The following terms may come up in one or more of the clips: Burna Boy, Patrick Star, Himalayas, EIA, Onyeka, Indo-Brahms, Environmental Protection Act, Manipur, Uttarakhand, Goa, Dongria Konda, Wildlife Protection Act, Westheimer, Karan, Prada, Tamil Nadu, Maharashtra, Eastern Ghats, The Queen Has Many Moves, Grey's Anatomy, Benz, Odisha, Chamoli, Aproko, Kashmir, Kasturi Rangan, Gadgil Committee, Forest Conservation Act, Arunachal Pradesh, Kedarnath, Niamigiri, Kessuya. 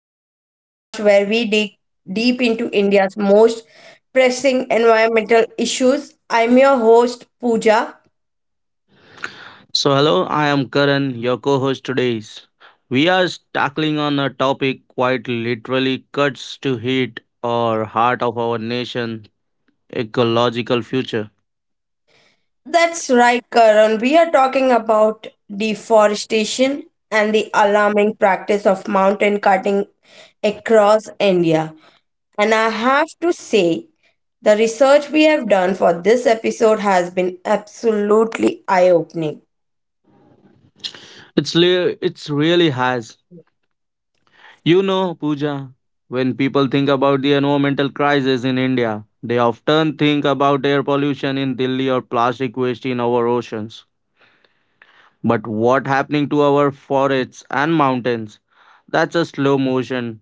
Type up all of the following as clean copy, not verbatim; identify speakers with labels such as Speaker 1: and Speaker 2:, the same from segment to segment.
Speaker 1: the podcast where we dig deep into India's most pressing environmental issues. I'm your host, Pooja.
Speaker 2: So hello, I am Karan, your co-host today's. We are tackling on a topic quite literally cuts to heat or heart of our nation, ecological future.
Speaker 1: That's right, Karan. We are talking about deforestation and the alarming practice of mountain cutting across India. And I have to say, the research we have done for this episode has been absolutely eye opening.
Speaker 2: It's really has. You know, Pooja, when people think about the environmental crisis in India, they often think about air pollution in Delhi or plastic waste in our oceans. But what happening to our forests and mountains? That's a slow motion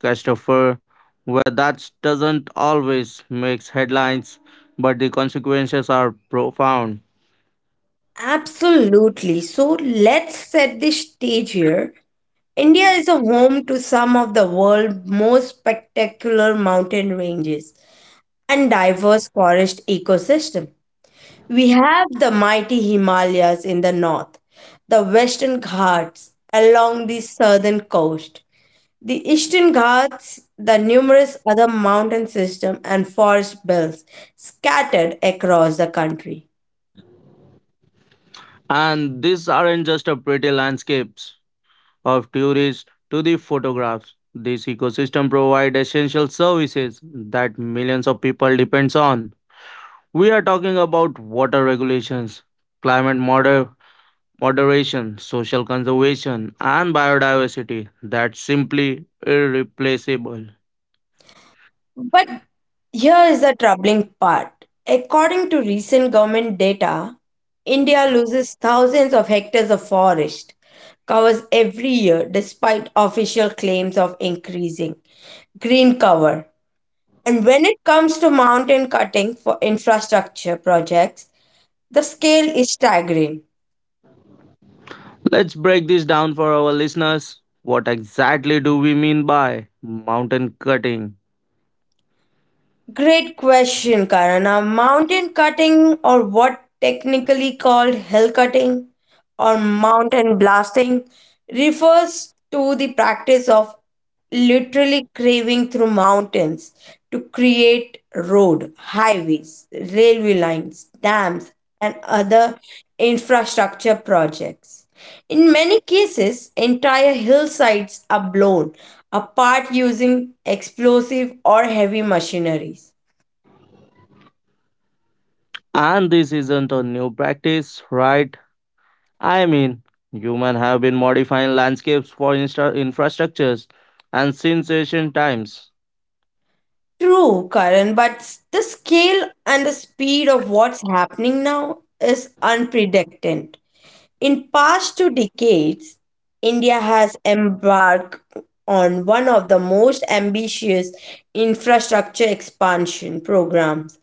Speaker 2: Christopher, where that doesn't always make headlines, but the consequences are profound.
Speaker 1: Absolutely. So let's set the stage here. India is a home to some of the world's most spectacular mountain ranges and diverse forest ecosystem. We have the mighty Himalayas in the north, the Western Ghats along the southern coast, the Eastern Ghats, the numerous other mountain system and forest belts scattered across the country.
Speaker 2: And these aren't just a pretty landscapes of tourists to the photographs. These ecosystem provide essential services that millions of people depends on. We are talking about water regulations, climate moderation, social conservation, and biodiversity that's simply irreplaceable.
Speaker 1: But here is the troubling part. According to recent government data, India loses thousands of hectares of forest covers every year despite official claims of increasing green cover. And when it comes to mountain cutting for infrastructure projects, the scale is staggering.
Speaker 2: Let's break this down for our listeners. What exactly do we mean by mountain cutting?
Speaker 1: Great question, Karana. Mountain cutting, or what technically called hill cutting or mountain blasting, refers to the practice of literally craving through mountains to create road, highways, railway lines, dams, and other infrastructure projects. In many cases, entire hillsides are blown apart using explosive or heavy machineries.
Speaker 2: And this isn't a new practice, right? I mean, humans have been modifying landscapes for infrastructures and since ancient times.
Speaker 1: True, Karan, but the scale and the speed of what's happening now is unprecedented. In past two decades, India has embarked on one of the most ambitious infrastructure expansion programs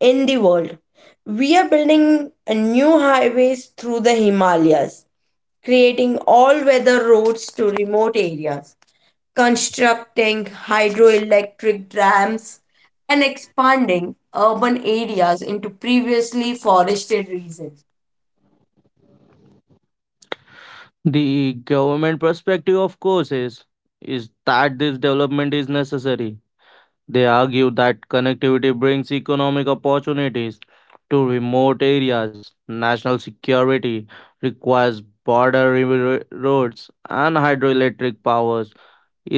Speaker 1: in the world. We are building a new highways through the Himalayas, creating all-weather roads to remote areas, constructing hydroelectric dams, and expanding urban areas into previously forested regions.
Speaker 2: The government perspective, of course, is that this development is necessary. They argue that connectivity brings economic opportunities to remote areas. National security requires roads and hydroelectric powers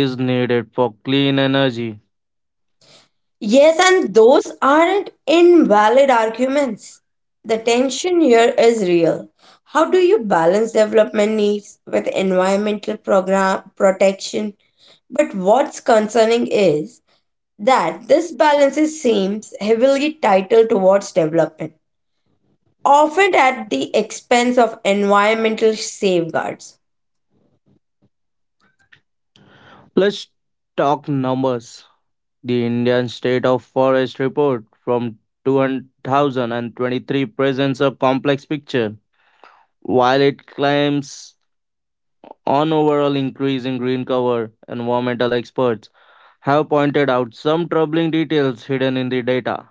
Speaker 2: is needed for clean energy.
Speaker 1: Yes, and those aren't invalid arguments. The tension here is real. How do you balance development needs with environmental program protection? But what's concerning is that seems heavily titled towards development, often at the expense of environmental safeguards.
Speaker 2: Let's talk numbers. The Indian State of Forest report from 2023 presents a complex picture. While it claims on overall increase in green cover, environmental experts have pointed out some troubling details hidden in the data.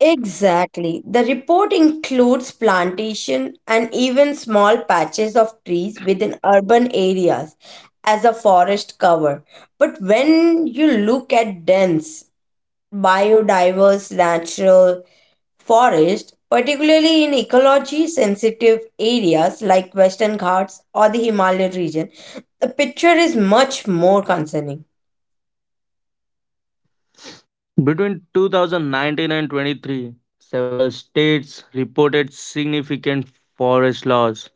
Speaker 1: Exactly. The report includes plantation and even small patches of trees within urban areas as a forest cover. But when you look at dense, biodiverse natural forest, particularly in ecology sensitive areas like Western Ghats or the Himalayan region, the picture is much more concerning.
Speaker 2: Between 2019 and 23, several states reported significant forest loss.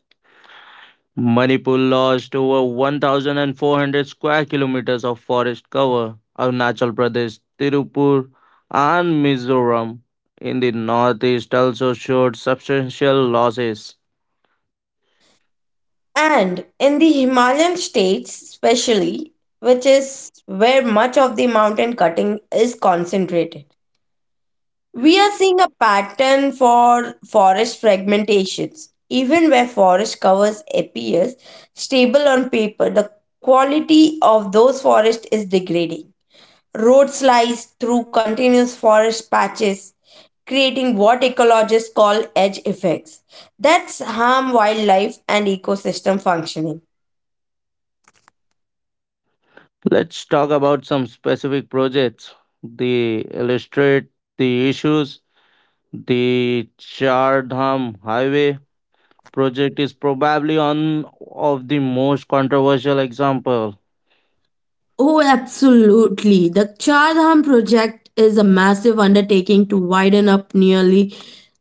Speaker 2: Manipur lost over 1,400 square kilometers of forest cover. Arunachal Pradesh, Tirupur, and Mizoram in the northeast also showed substantial losses.
Speaker 1: And in the Himalayan states especially, which is where much of the mountain cutting is concentrated, we are seeing a pattern for forest fragmentations. Even where forest covers appears stable on paper, the quality of those forests is degrading. Roads slice through continuous forest patches, creating what ecologists call edge effects. That's harm wildlife and ecosystem functioning.
Speaker 2: Let's talk about some specific projects. They illustrate the issues. The Chardham Highway project is probably one of the most controversial example.
Speaker 1: Oh, absolutely. The Char Dham project is a massive undertaking to widen up nearly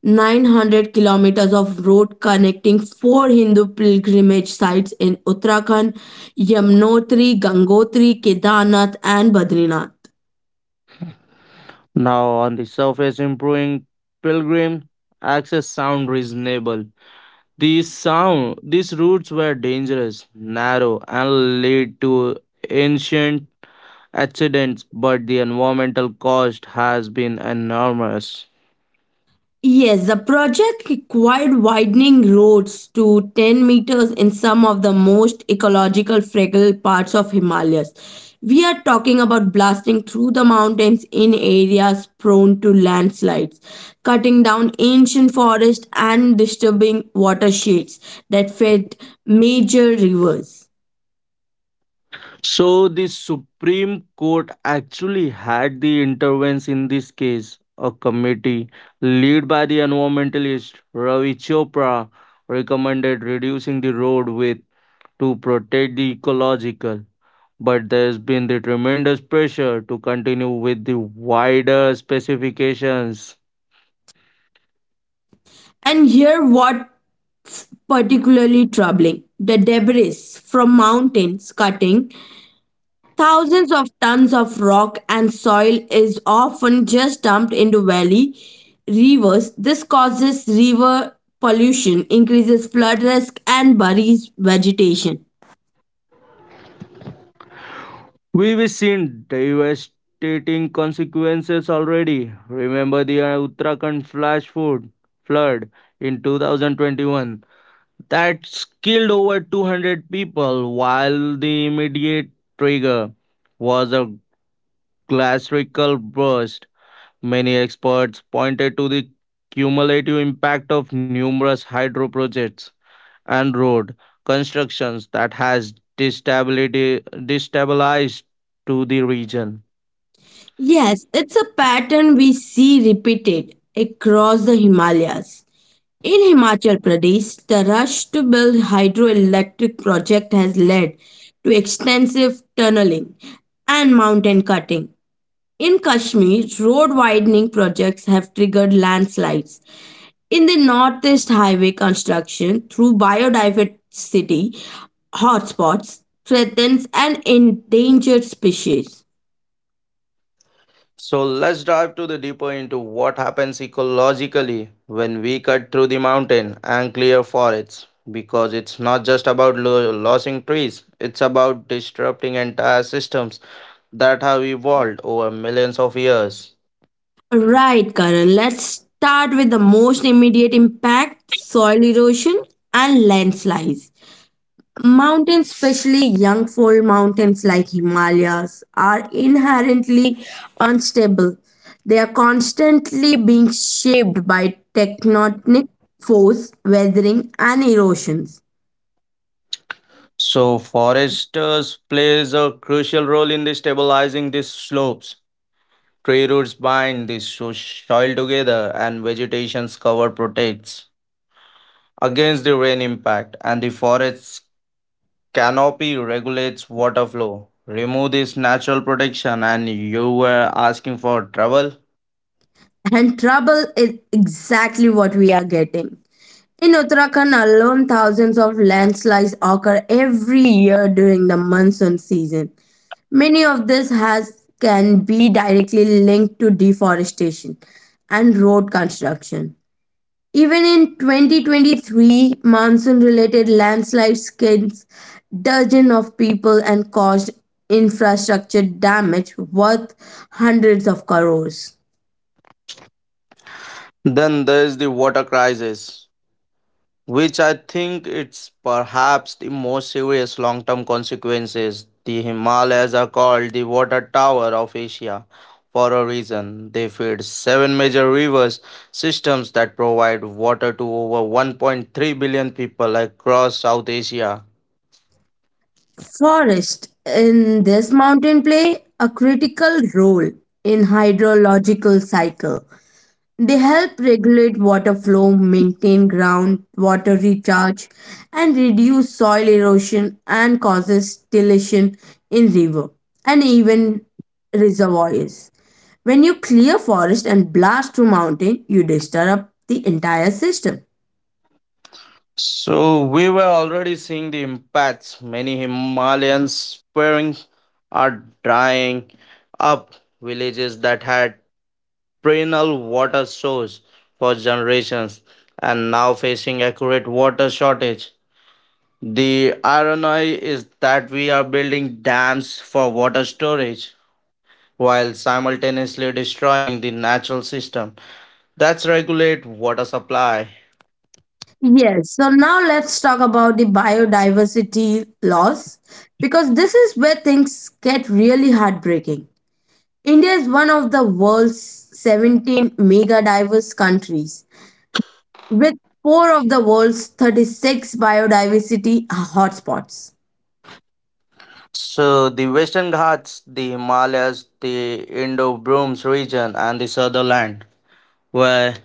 Speaker 1: 900 kilometers of road connecting four Hindu pilgrimage sites in Uttarakhand: Yamnotri, Gangotri, Kedarnath, and Badrinath.
Speaker 2: Now, on the surface, improving pilgrim access sound reasonable. These sound these routes were dangerous, narrow, and lead to ancient accidents, but the environmental cost has been enormous.
Speaker 1: Yes, the project required widening roads to 10 meters in some of the most ecological fragile parts of Himalayas. We are talking about blasting through the mountains in areas prone to landslides, cutting down ancient forests and disturbing watersheds that fed major rivers.
Speaker 2: So the Supreme Court actually had the intervention in this case. A committee led by the environmentalist Ravi Chopra recommended reducing the road width to protect the ecological. But there's been the tremendous pressure to continue with the wider specifications.
Speaker 1: And here what particularly troubling, the debris from mountains cutting, thousands of tons of rock and soil is often just dumped into valley rivers. This causes river pollution, increases flood risk, and buries vegetation.
Speaker 2: We've seen devastating consequences already. Remember the Uttarakhand flash flood in 2021 that killed over 200 people, while the immediate trigger was a glacial burst. Many experts pointed to the cumulative impact of numerous hydro projects and road constructions that has destabilized to the region.
Speaker 1: Yes, it's a pattern we see repeated across the Himalayas. In Himachal Pradesh, the rush to build hydroelectric project has led to extensive tunneling and mountain cutting. In Kashmir, road widening projects have triggered landslides. In the Northeast, highway construction through biodiversity hotspots threatens an endangered species.
Speaker 2: So let's dive to the deeper into what happens ecologically when we cut through the mountain and clear forests, because it's not just about losing trees. It's about disrupting entire systems that have evolved over millions of years.
Speaker 1: Right, Karan, let's start with the most immediate impact: soil erosion and landslides. Mountains, especially young fold mountains like Himalayas, are inherently unstable. They are constantly being shaped by tectonic force, weathering, and erosions.
Speaker 2: So foresters plays a crucial role in the stabilizing these slopes. Tree roots bind the soil together, and vegetation's cover protects against the rain impact, and the forests canopy regulates water flow. Remove this natural protection and you were asking for trouble.
Speaker 1: And trouble is exactly what we are getting. In Uttarakhand alone, thousands of landslides occur every year during the monsoon season. Many of this has can be directly linked to deforestation and road construction. Even in 2023, monsoon-related landslides killed dozens of people and caused infrastructure damage worth hundreds of crores.
Speaker 2: Then there is the water crisis, which I think it's perhaps the most serious long-term consequences. The Himalayas are called the water tower of Asia for a reason. They feed seven major rivers systems that provide water to over 1.3 billion people across South Asia.
Speaker 1: Forests in this mountain play a critical role in hydrological cycle. They help regulate water flow, maintain groundwater recharge, and reduce soil erosion and causes deletion in river and even reservoirs. When you clear forest and blast through mountain, you disturb the entire system.
Speaker 2: So we were already seeing the impacts. Many Himalayan spring are drying up. Villages that had perennial water source for generations and now facing accurate water shortage. The irony is that we are building dams for water storage while simultaneously destroying the natural system that's regulate water supply.
Speaker 1: Yes, so now let's talk about the biodiversity loss because this is where things get really heartbreaking. India is one of the world's 17 mega diverse countries, with four of the world's 36 biodiversity hotspots.
Speaker 2: So the Western Ghats, the Himalayas, the Indo-Brahms region, and the Sutherland, where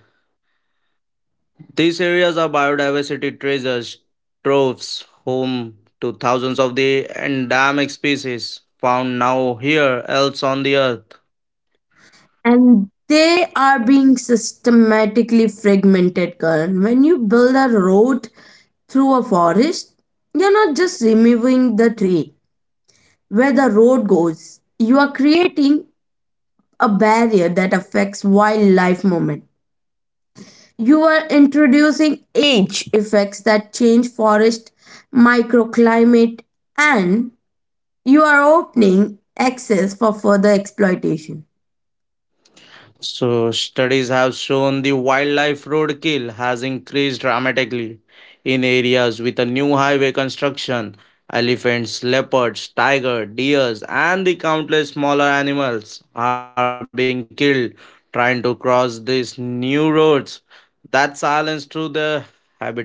Speaker 2: these areas are biodiversity treasures troves, home to thousands of the endemic species found now here else on the earth.
Speaker 1: And they are being systematically fragmented, Karan. When you build a road through a forest, you're not just removing the tree where the road goes. You are creating a barrier that affects wildlife movement. You are introducing age effects that change forest microclimate, and you are opening access for further exploitation.
Speaker 2: So, studies have shown the wildlife roadkill has increased dramatically in areas with a new highway construction. Elephants, leopards, tiger, deers, and the countless smaller animals are being killed trying to cross these new roads that silence through their habitats.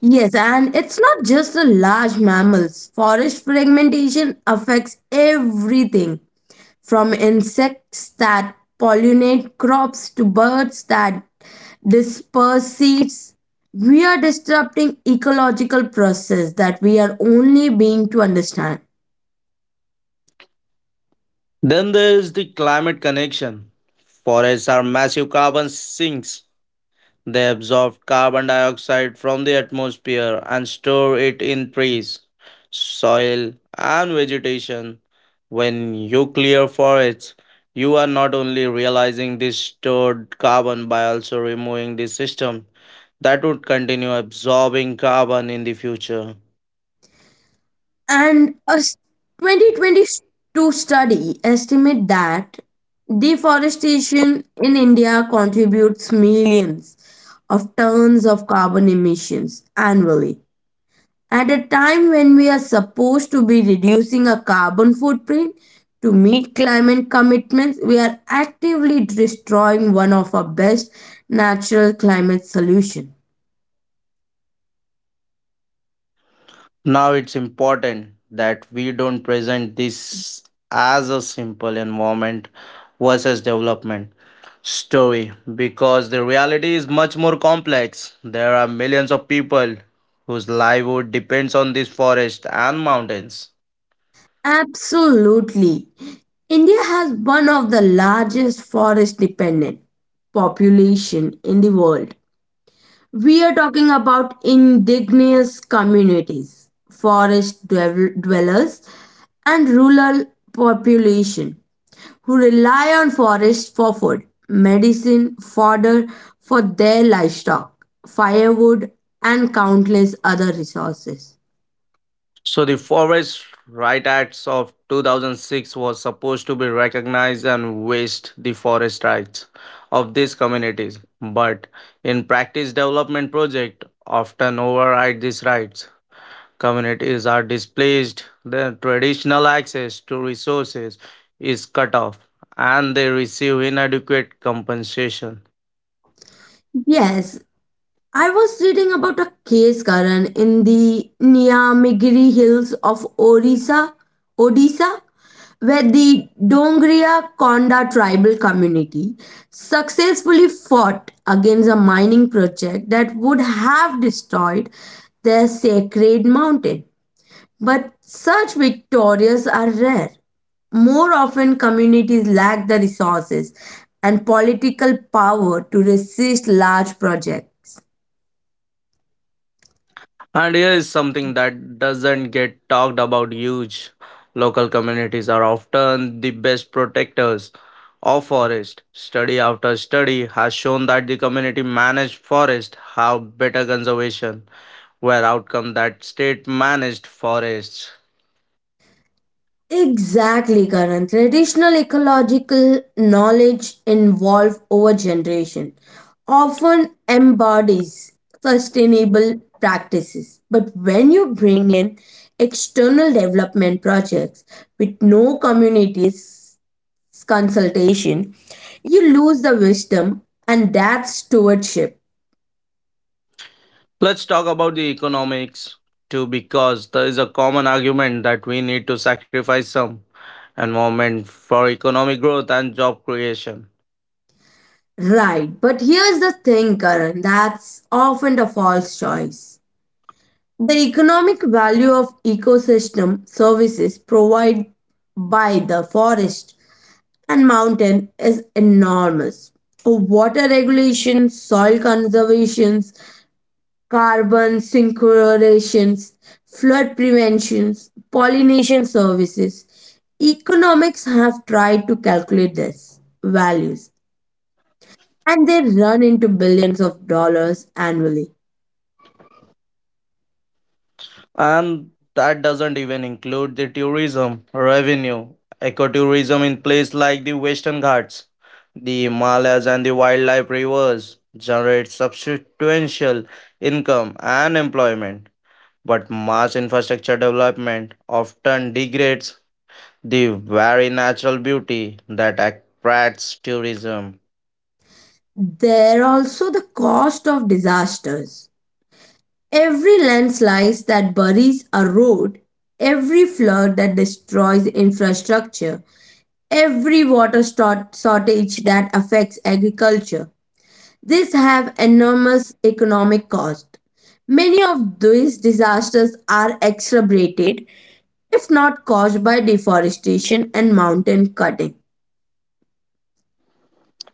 Speaker 1: Yes, and it's not just the large mammals. Forest fragmentation affects everything from insects that pollinate crops to birds that this persists. We are disrupting ecological process that we are only being to understand.
Speaker 2: Then there is the climate connection. Forests are massive carbon sinks. They absorb carbon dioxide from the atmosphere and store it in trees, soil, and vegetation. When you clear forests, you are not only realizing this stored carbon by also removing the system that would continue absorbing carbon in the future.
Speaker 1: And a s- 2022 study estimate that deforestation in india contributes millions of tons of carbon emissions annually. At a time when we are supposed to be reducing our carbon footprint to meet climate commitments, we are actively destroying one of our best natural climate solutions.
Speaker 2: Now it's important that we don't present this as a simple environment versus development story, because the reality is much more complex. There are millions of people whose livelihood depends on this forest and mountains.
Speaker 1: Absolutely. India has one of the largest forest dependent population in the world. We are talking about indigenous communities, forest dwellers, and rural population who rely on forests for food, medicine, fodder for their livestock, firewood, and countless other resources.
Speaker 2: So the Forest Right Acts of 2006 was supposed to be recognized and vest the forest rights of these communities, but in practice development project often override these rights. Communities are displaced, their traditional access to resources is cut off, and they receive inadequate compensation.
Speaker 1: Yes, I was reading about a case, Karan, in the Niamigiri Hills of Orissa, Odisha, where the Dongria Konda tribal community successfully fought against a mining project that would have destroyed their sacred mountain. But such victories are rare. More often, communities lack the resources and political power to resist large projects.
Speaker 2: And here is something that doesn't get talked about huge. Local communities are often the best protectors of forest. Study after study has shown that the community managed forests have better conservation, where outcome that state managed forests.
Speaker 1: Exactly, Karan. Traditional ecological knowledge involved over generation often embodies sustainable practices. But when you bring in external development projects with no communities consultation, you lose the wisdom and that stewardship.
Speaker 2: Let's talk about the economics too, because there is a common argument that we need to sacrifice some environment for economic growth and job creation.
Speaker 1: Right. But here's the thing, Karan, that's often the false choice. The economic value of ecosystem services provided by the forest and mountain is enormous. Water regulation, soil conservations, carbon synchronization, flood preventions, pollination services. Economics have tried to calculate this values and they run into billions of dollars annually.
Speaker 2: And that doesn't even include the tourism revenue, ecotourism in places like the Western Ghats, the Himalayas, and the wildlife rivers generates substantial income and employment. But mass infrastructure development often degrades the very natural beauty that attracts tourism.
Speaker 1: There are also the cost of disasters. Every landslide that buries a road, every flood that destroys infrastructure, every shortage that affects agriculture, these have enormous economic cost. Many of these disasters are exacerbated, if not caused by deforestation and mountain cutting.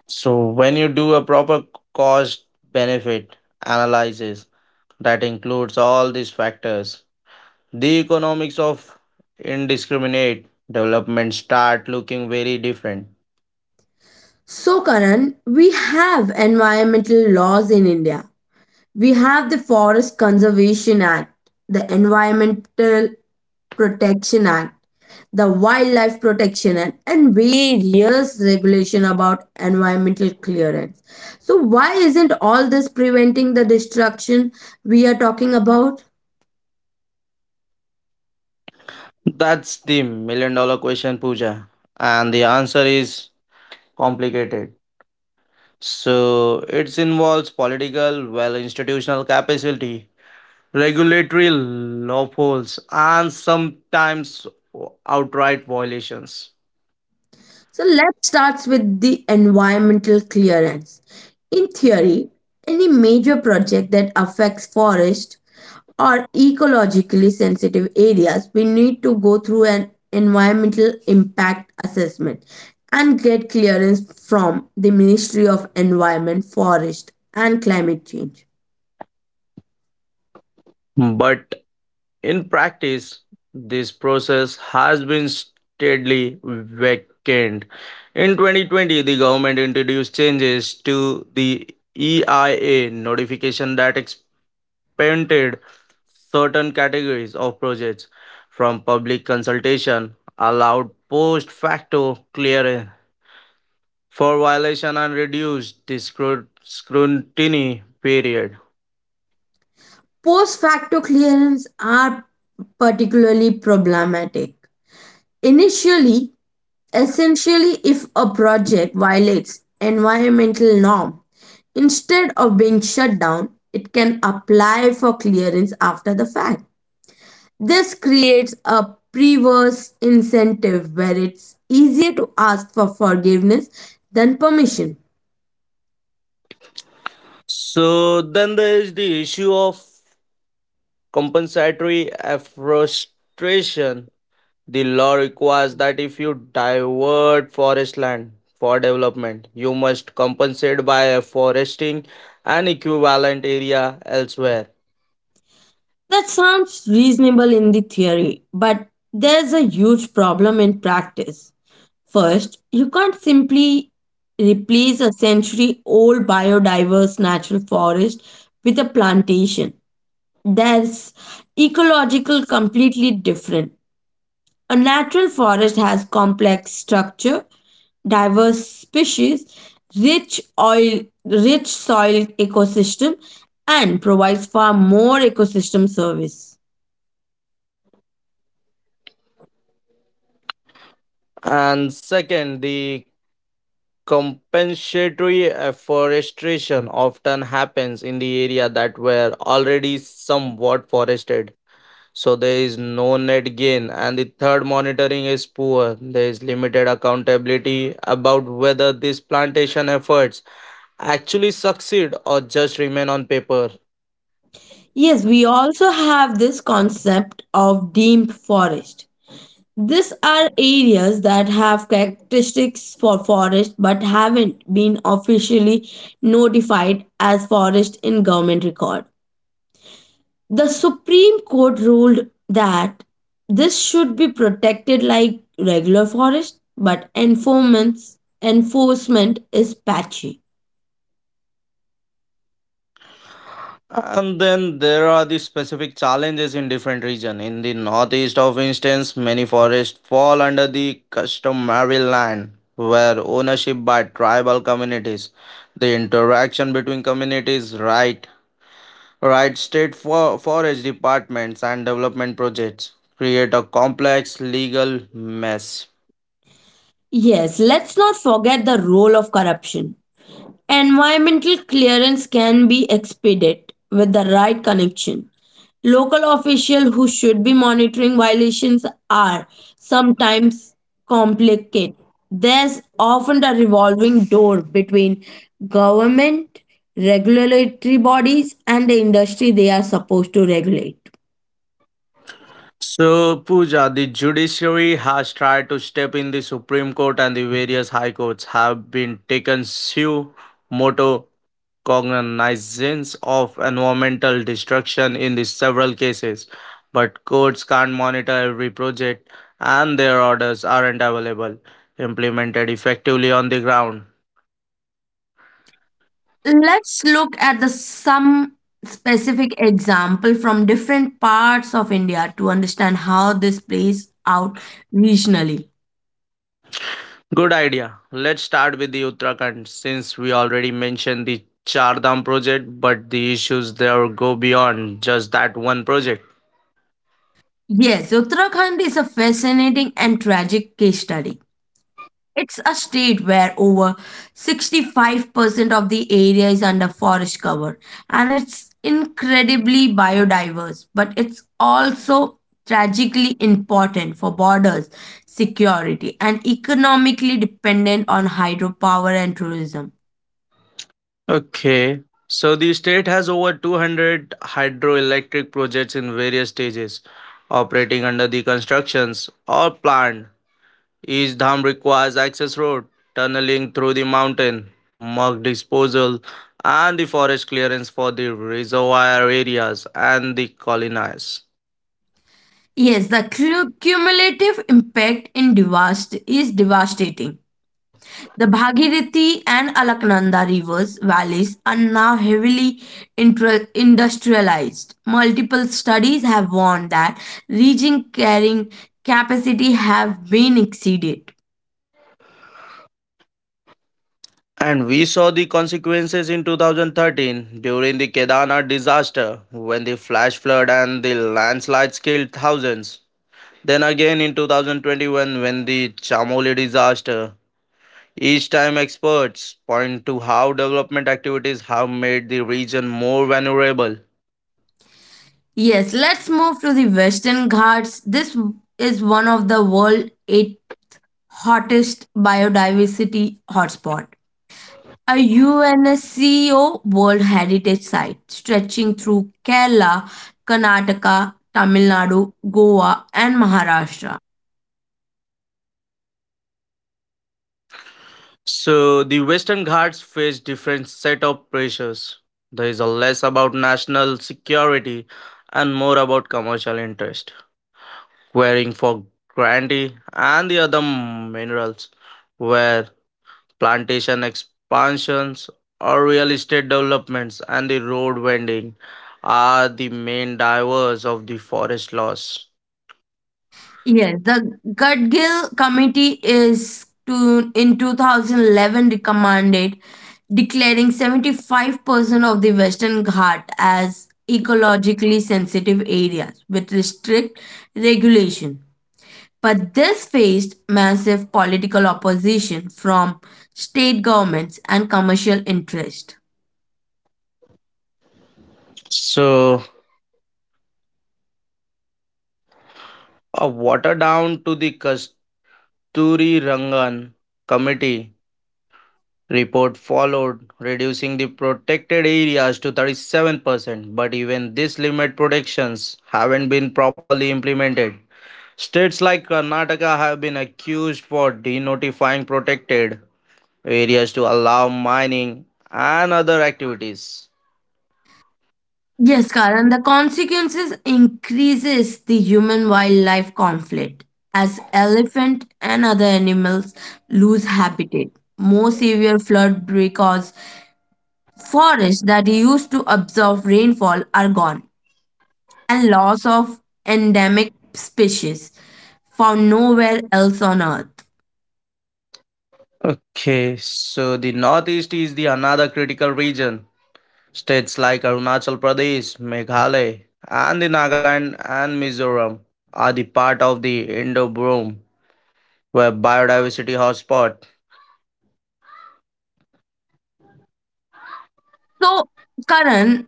Speaker 2: So, when you do a proper cost benefit analysis that includes all these factors, the economics of indiscriminate development start looking very different.
Speaker 1: So, Karan, we have environmental laws in India. We have the Forest Conservation Act, the Environmental Protection Act, the Wildlife Protection Act, and various regulation about environmental clearance. So why isn't all this preventing the destruction we are talking about?
Speaker 2: That's the million dollar question, Pooja. And the answer is complicated. So it involves political, well, institutional capacity, regulatory loopholes, and sometimes outright violations.
Speaker 1: So let's start with the environmental clearance. In theory, any major project that affects forest or ecologically sensitive areas, we need to go through an environmental impact assessment and get clearance from the Ministry of Environment, Forest and Climate Change.
Speaker 2: But in practice, this process has been steadily weakened. In 2020, the government introduced changes to the EIA notification that expanded certain categories of projects from public consultation, allowed post facto clearance for violation, and reduced the scrutiny period.
Speaker 1: Post facto clearance are particularly problematic. Initially, Essentially, if a project violates environmental norm, instead of being shut down, it can apply for clearance after the fact. This creates a perverse incentive where it's easier to ask for forgiveness than permission.
Speaker 2: So then there is the issue of compensatory afforestation. The law requires that if you divert forest land for development, you must compensate by afforesting an equivalent area elsewhere.
Speaker 1: That sounds reasonable in the theory, but there's a huge problem in practice. First, you can't simply replace a century old biodiverse natural forest with a plantation. That's ecological completely different. A natural forest has complex structure, diverse species, rich soil ecosystem and provides far more ecosystem service.
Speaker 2: And second, the compensatory afforestation often happens in the area that were already somewhat forested. So there is no net gain, and the third monitoring is poor. There is limited accountability about whether these plantation efforts actually succeed or just remain on paper.
Speaker 1: Yes, we also have this concept of deemed forest. These are areas that have characteristics for forest but haven't been officially notified as forest in government record. The Supreme Court ruled that this should be protected like regular forest, but enforcement is patchy.
Speaker 2: And then there are the specific challenges in different regions. In the northeast, of instance, many forests fall under the customary land, where ownership by tribal communities, the interaction between communities, Right, state for forest departments and development projects create a complex legal mess.
Speaker 1: Yes, let's not forget the role of corruption. Environmental clearance can be expedited with the right connection. Local officials who should be monitoring violations are sometimes complicated. There's often a revolving door between government, regulatory bodies, and the industry they are supposed to regulate.
Speaker 2: So, Pooja, the judiciary has tried to step in. The Supreme Court and the various high courts have been taken suo moto cognizance of environmental destruction in the several cases, but courts can't monitor every project, and their orders aren't available implemented effectively on the ground.
Speaker 1: Let's look at the some specific example from different parts of India to understand how this plays out regionally.
Speaker 2: Good idea. Let's start with the Uttarakhand since we already mentioned the Char Dham project, but the issues there go beyond just that one project.
Speaker 1: Yes, Uttarakhand is a fascinating and tragic case study. It's a state where over 65% of the area is under forest cover and it's incredibly biodiverse, but it's also tragically important for borders, security, and economically dependent on hydropower and tourism.
Speaker 2: Okay. So the state has over 200 hydroelectric projects in various stages operating under the constructions or planned. Each dam requires access road, tunneling through the mountain, mud disposal, and the forest clearance for the reservoir areas and the colonies.
Speaker 1: Yes, the cumulative impact in is devastating. The Bhagirathi and Alaknanda rivers valleys are now heavily industrialized. Multiple studies have warned that reaching carrying capacity have been exceeded.
Speaker 2: And we saw the consequences in 2013 during the Kedarnath disaster when the flash flood and the landslides killed thousands. Then again in 2021 when the Chamoli disaster. Each time experts point to how development activities have made the region more vulnerable.
Speaker 1: Yes, let's move to the Western Ghats. This is one of the world's eight hottest biodiversity hotspot. A UNESCO World Heritage Site stretching through Kerala, Karnataka, Tamil Nadu, Goa, and Maharashtra.
Speaker 2: So the Western Ghats face different set of pressures. There is a less about national security and more about commercial interest. Quarrying for granite and the other minerals, where plantation expansions or real estate developments and the road vending are the main drivers of the forest loss.
Speaker 1: Yes, the Gadgil Committee is to, in 2011 recommended declaring 75% of the Western Ghat as ecologically sensitive areas with strict regulation. But this faced massive political opposition from state governments and commercial interest.
Speaker 2: So, a water down to the Kasturi Rangan committee report followed, reducing the protected areas to 37%. But even this limit protections haven't been properly implemented. States like Karnataka have been accused for denotifying protected areas to allow mining and other activities.
Speaker 1: Yes, Karan, the consequences increases the human wildlife conflict as elephant and other animals lose habitat. More severe flood because forests that used to absorb rainfall are gone, and loss of endemic species found nowhere else on earth.
Speaker 2: Okay, so the Northeast is the another critical region. States like Arunachal Pradesh, Meghalaya, and the Nagaland and Mizoram are the part of the Indo-Brum, where biodiversity hotspot.
Speaker 1: So, Karan,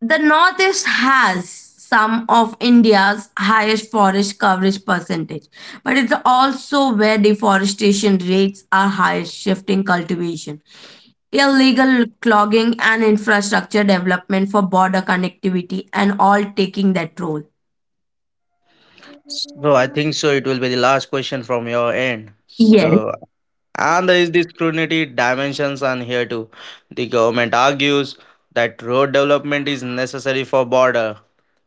Speaker 1: the Northeast has some of India's highest forest coverage percentage, but it's also where deforestation rates are highest, shifting cultivation, illegal clogging, and infrastructure development for border connectivity, and all taking that role.
Speaker 2: So I think so. It will be the last question from your end.
Speaker 1: Yes.
Speaker 2: So and there is the scrutiny dimensions on here too. The government argues that road development is necessary for border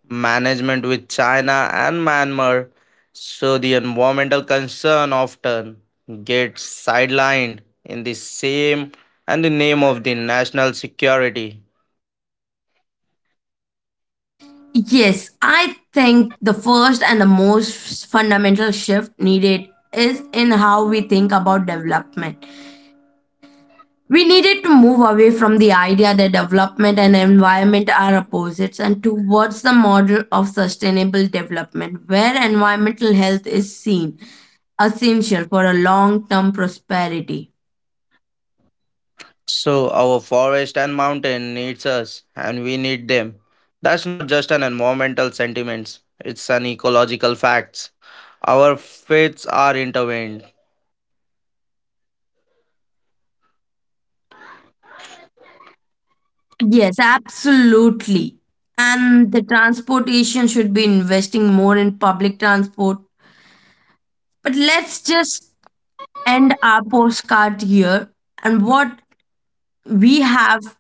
Speaker 2: management with China and Myanmar, so the environmental concern often gets sidelined in the same and the name of the national security.
Speaker 1: Yes, I think the first and the most fundamental shift needed is in how we think about development. We needed to move away from the idea that development and environment are opposites and towards the model of sustainable development, where environmental health is seen essential for a long term prosperity.
Speaker 2: So our forest and mountain needs us and we need them. That's not just an environmental sentiments, it's an ecological facts. Our fates are intertwined.
Speaker 1: Yes, absolutely. And the transportation should be investing more in public transport. But let's just end our postcard here. And what we have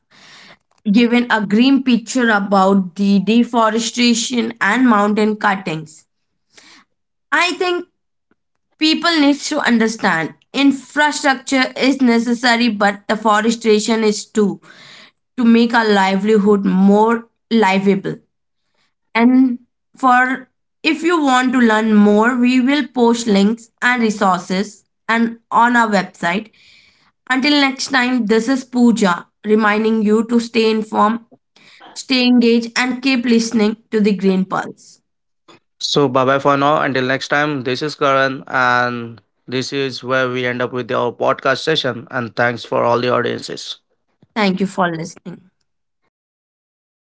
Speaker 1: given a grim picture about the deforestation and mountain cuttings. I think people need to understand infrastructure is necessary, but deforestation is too to make our livelihood more livable. And for if you want to learn more, we will post links and resources and on our website. Until next time, this is Pooja reminding you to stay informed. Stay engaged and keep listening to the Green Pulse.
Speaker 2: So bye bye for now. Until next time, this is Karan, and this is where we end up with our podcast session. And thanks for all the audiences.
Speaker 1: Thank you for listening.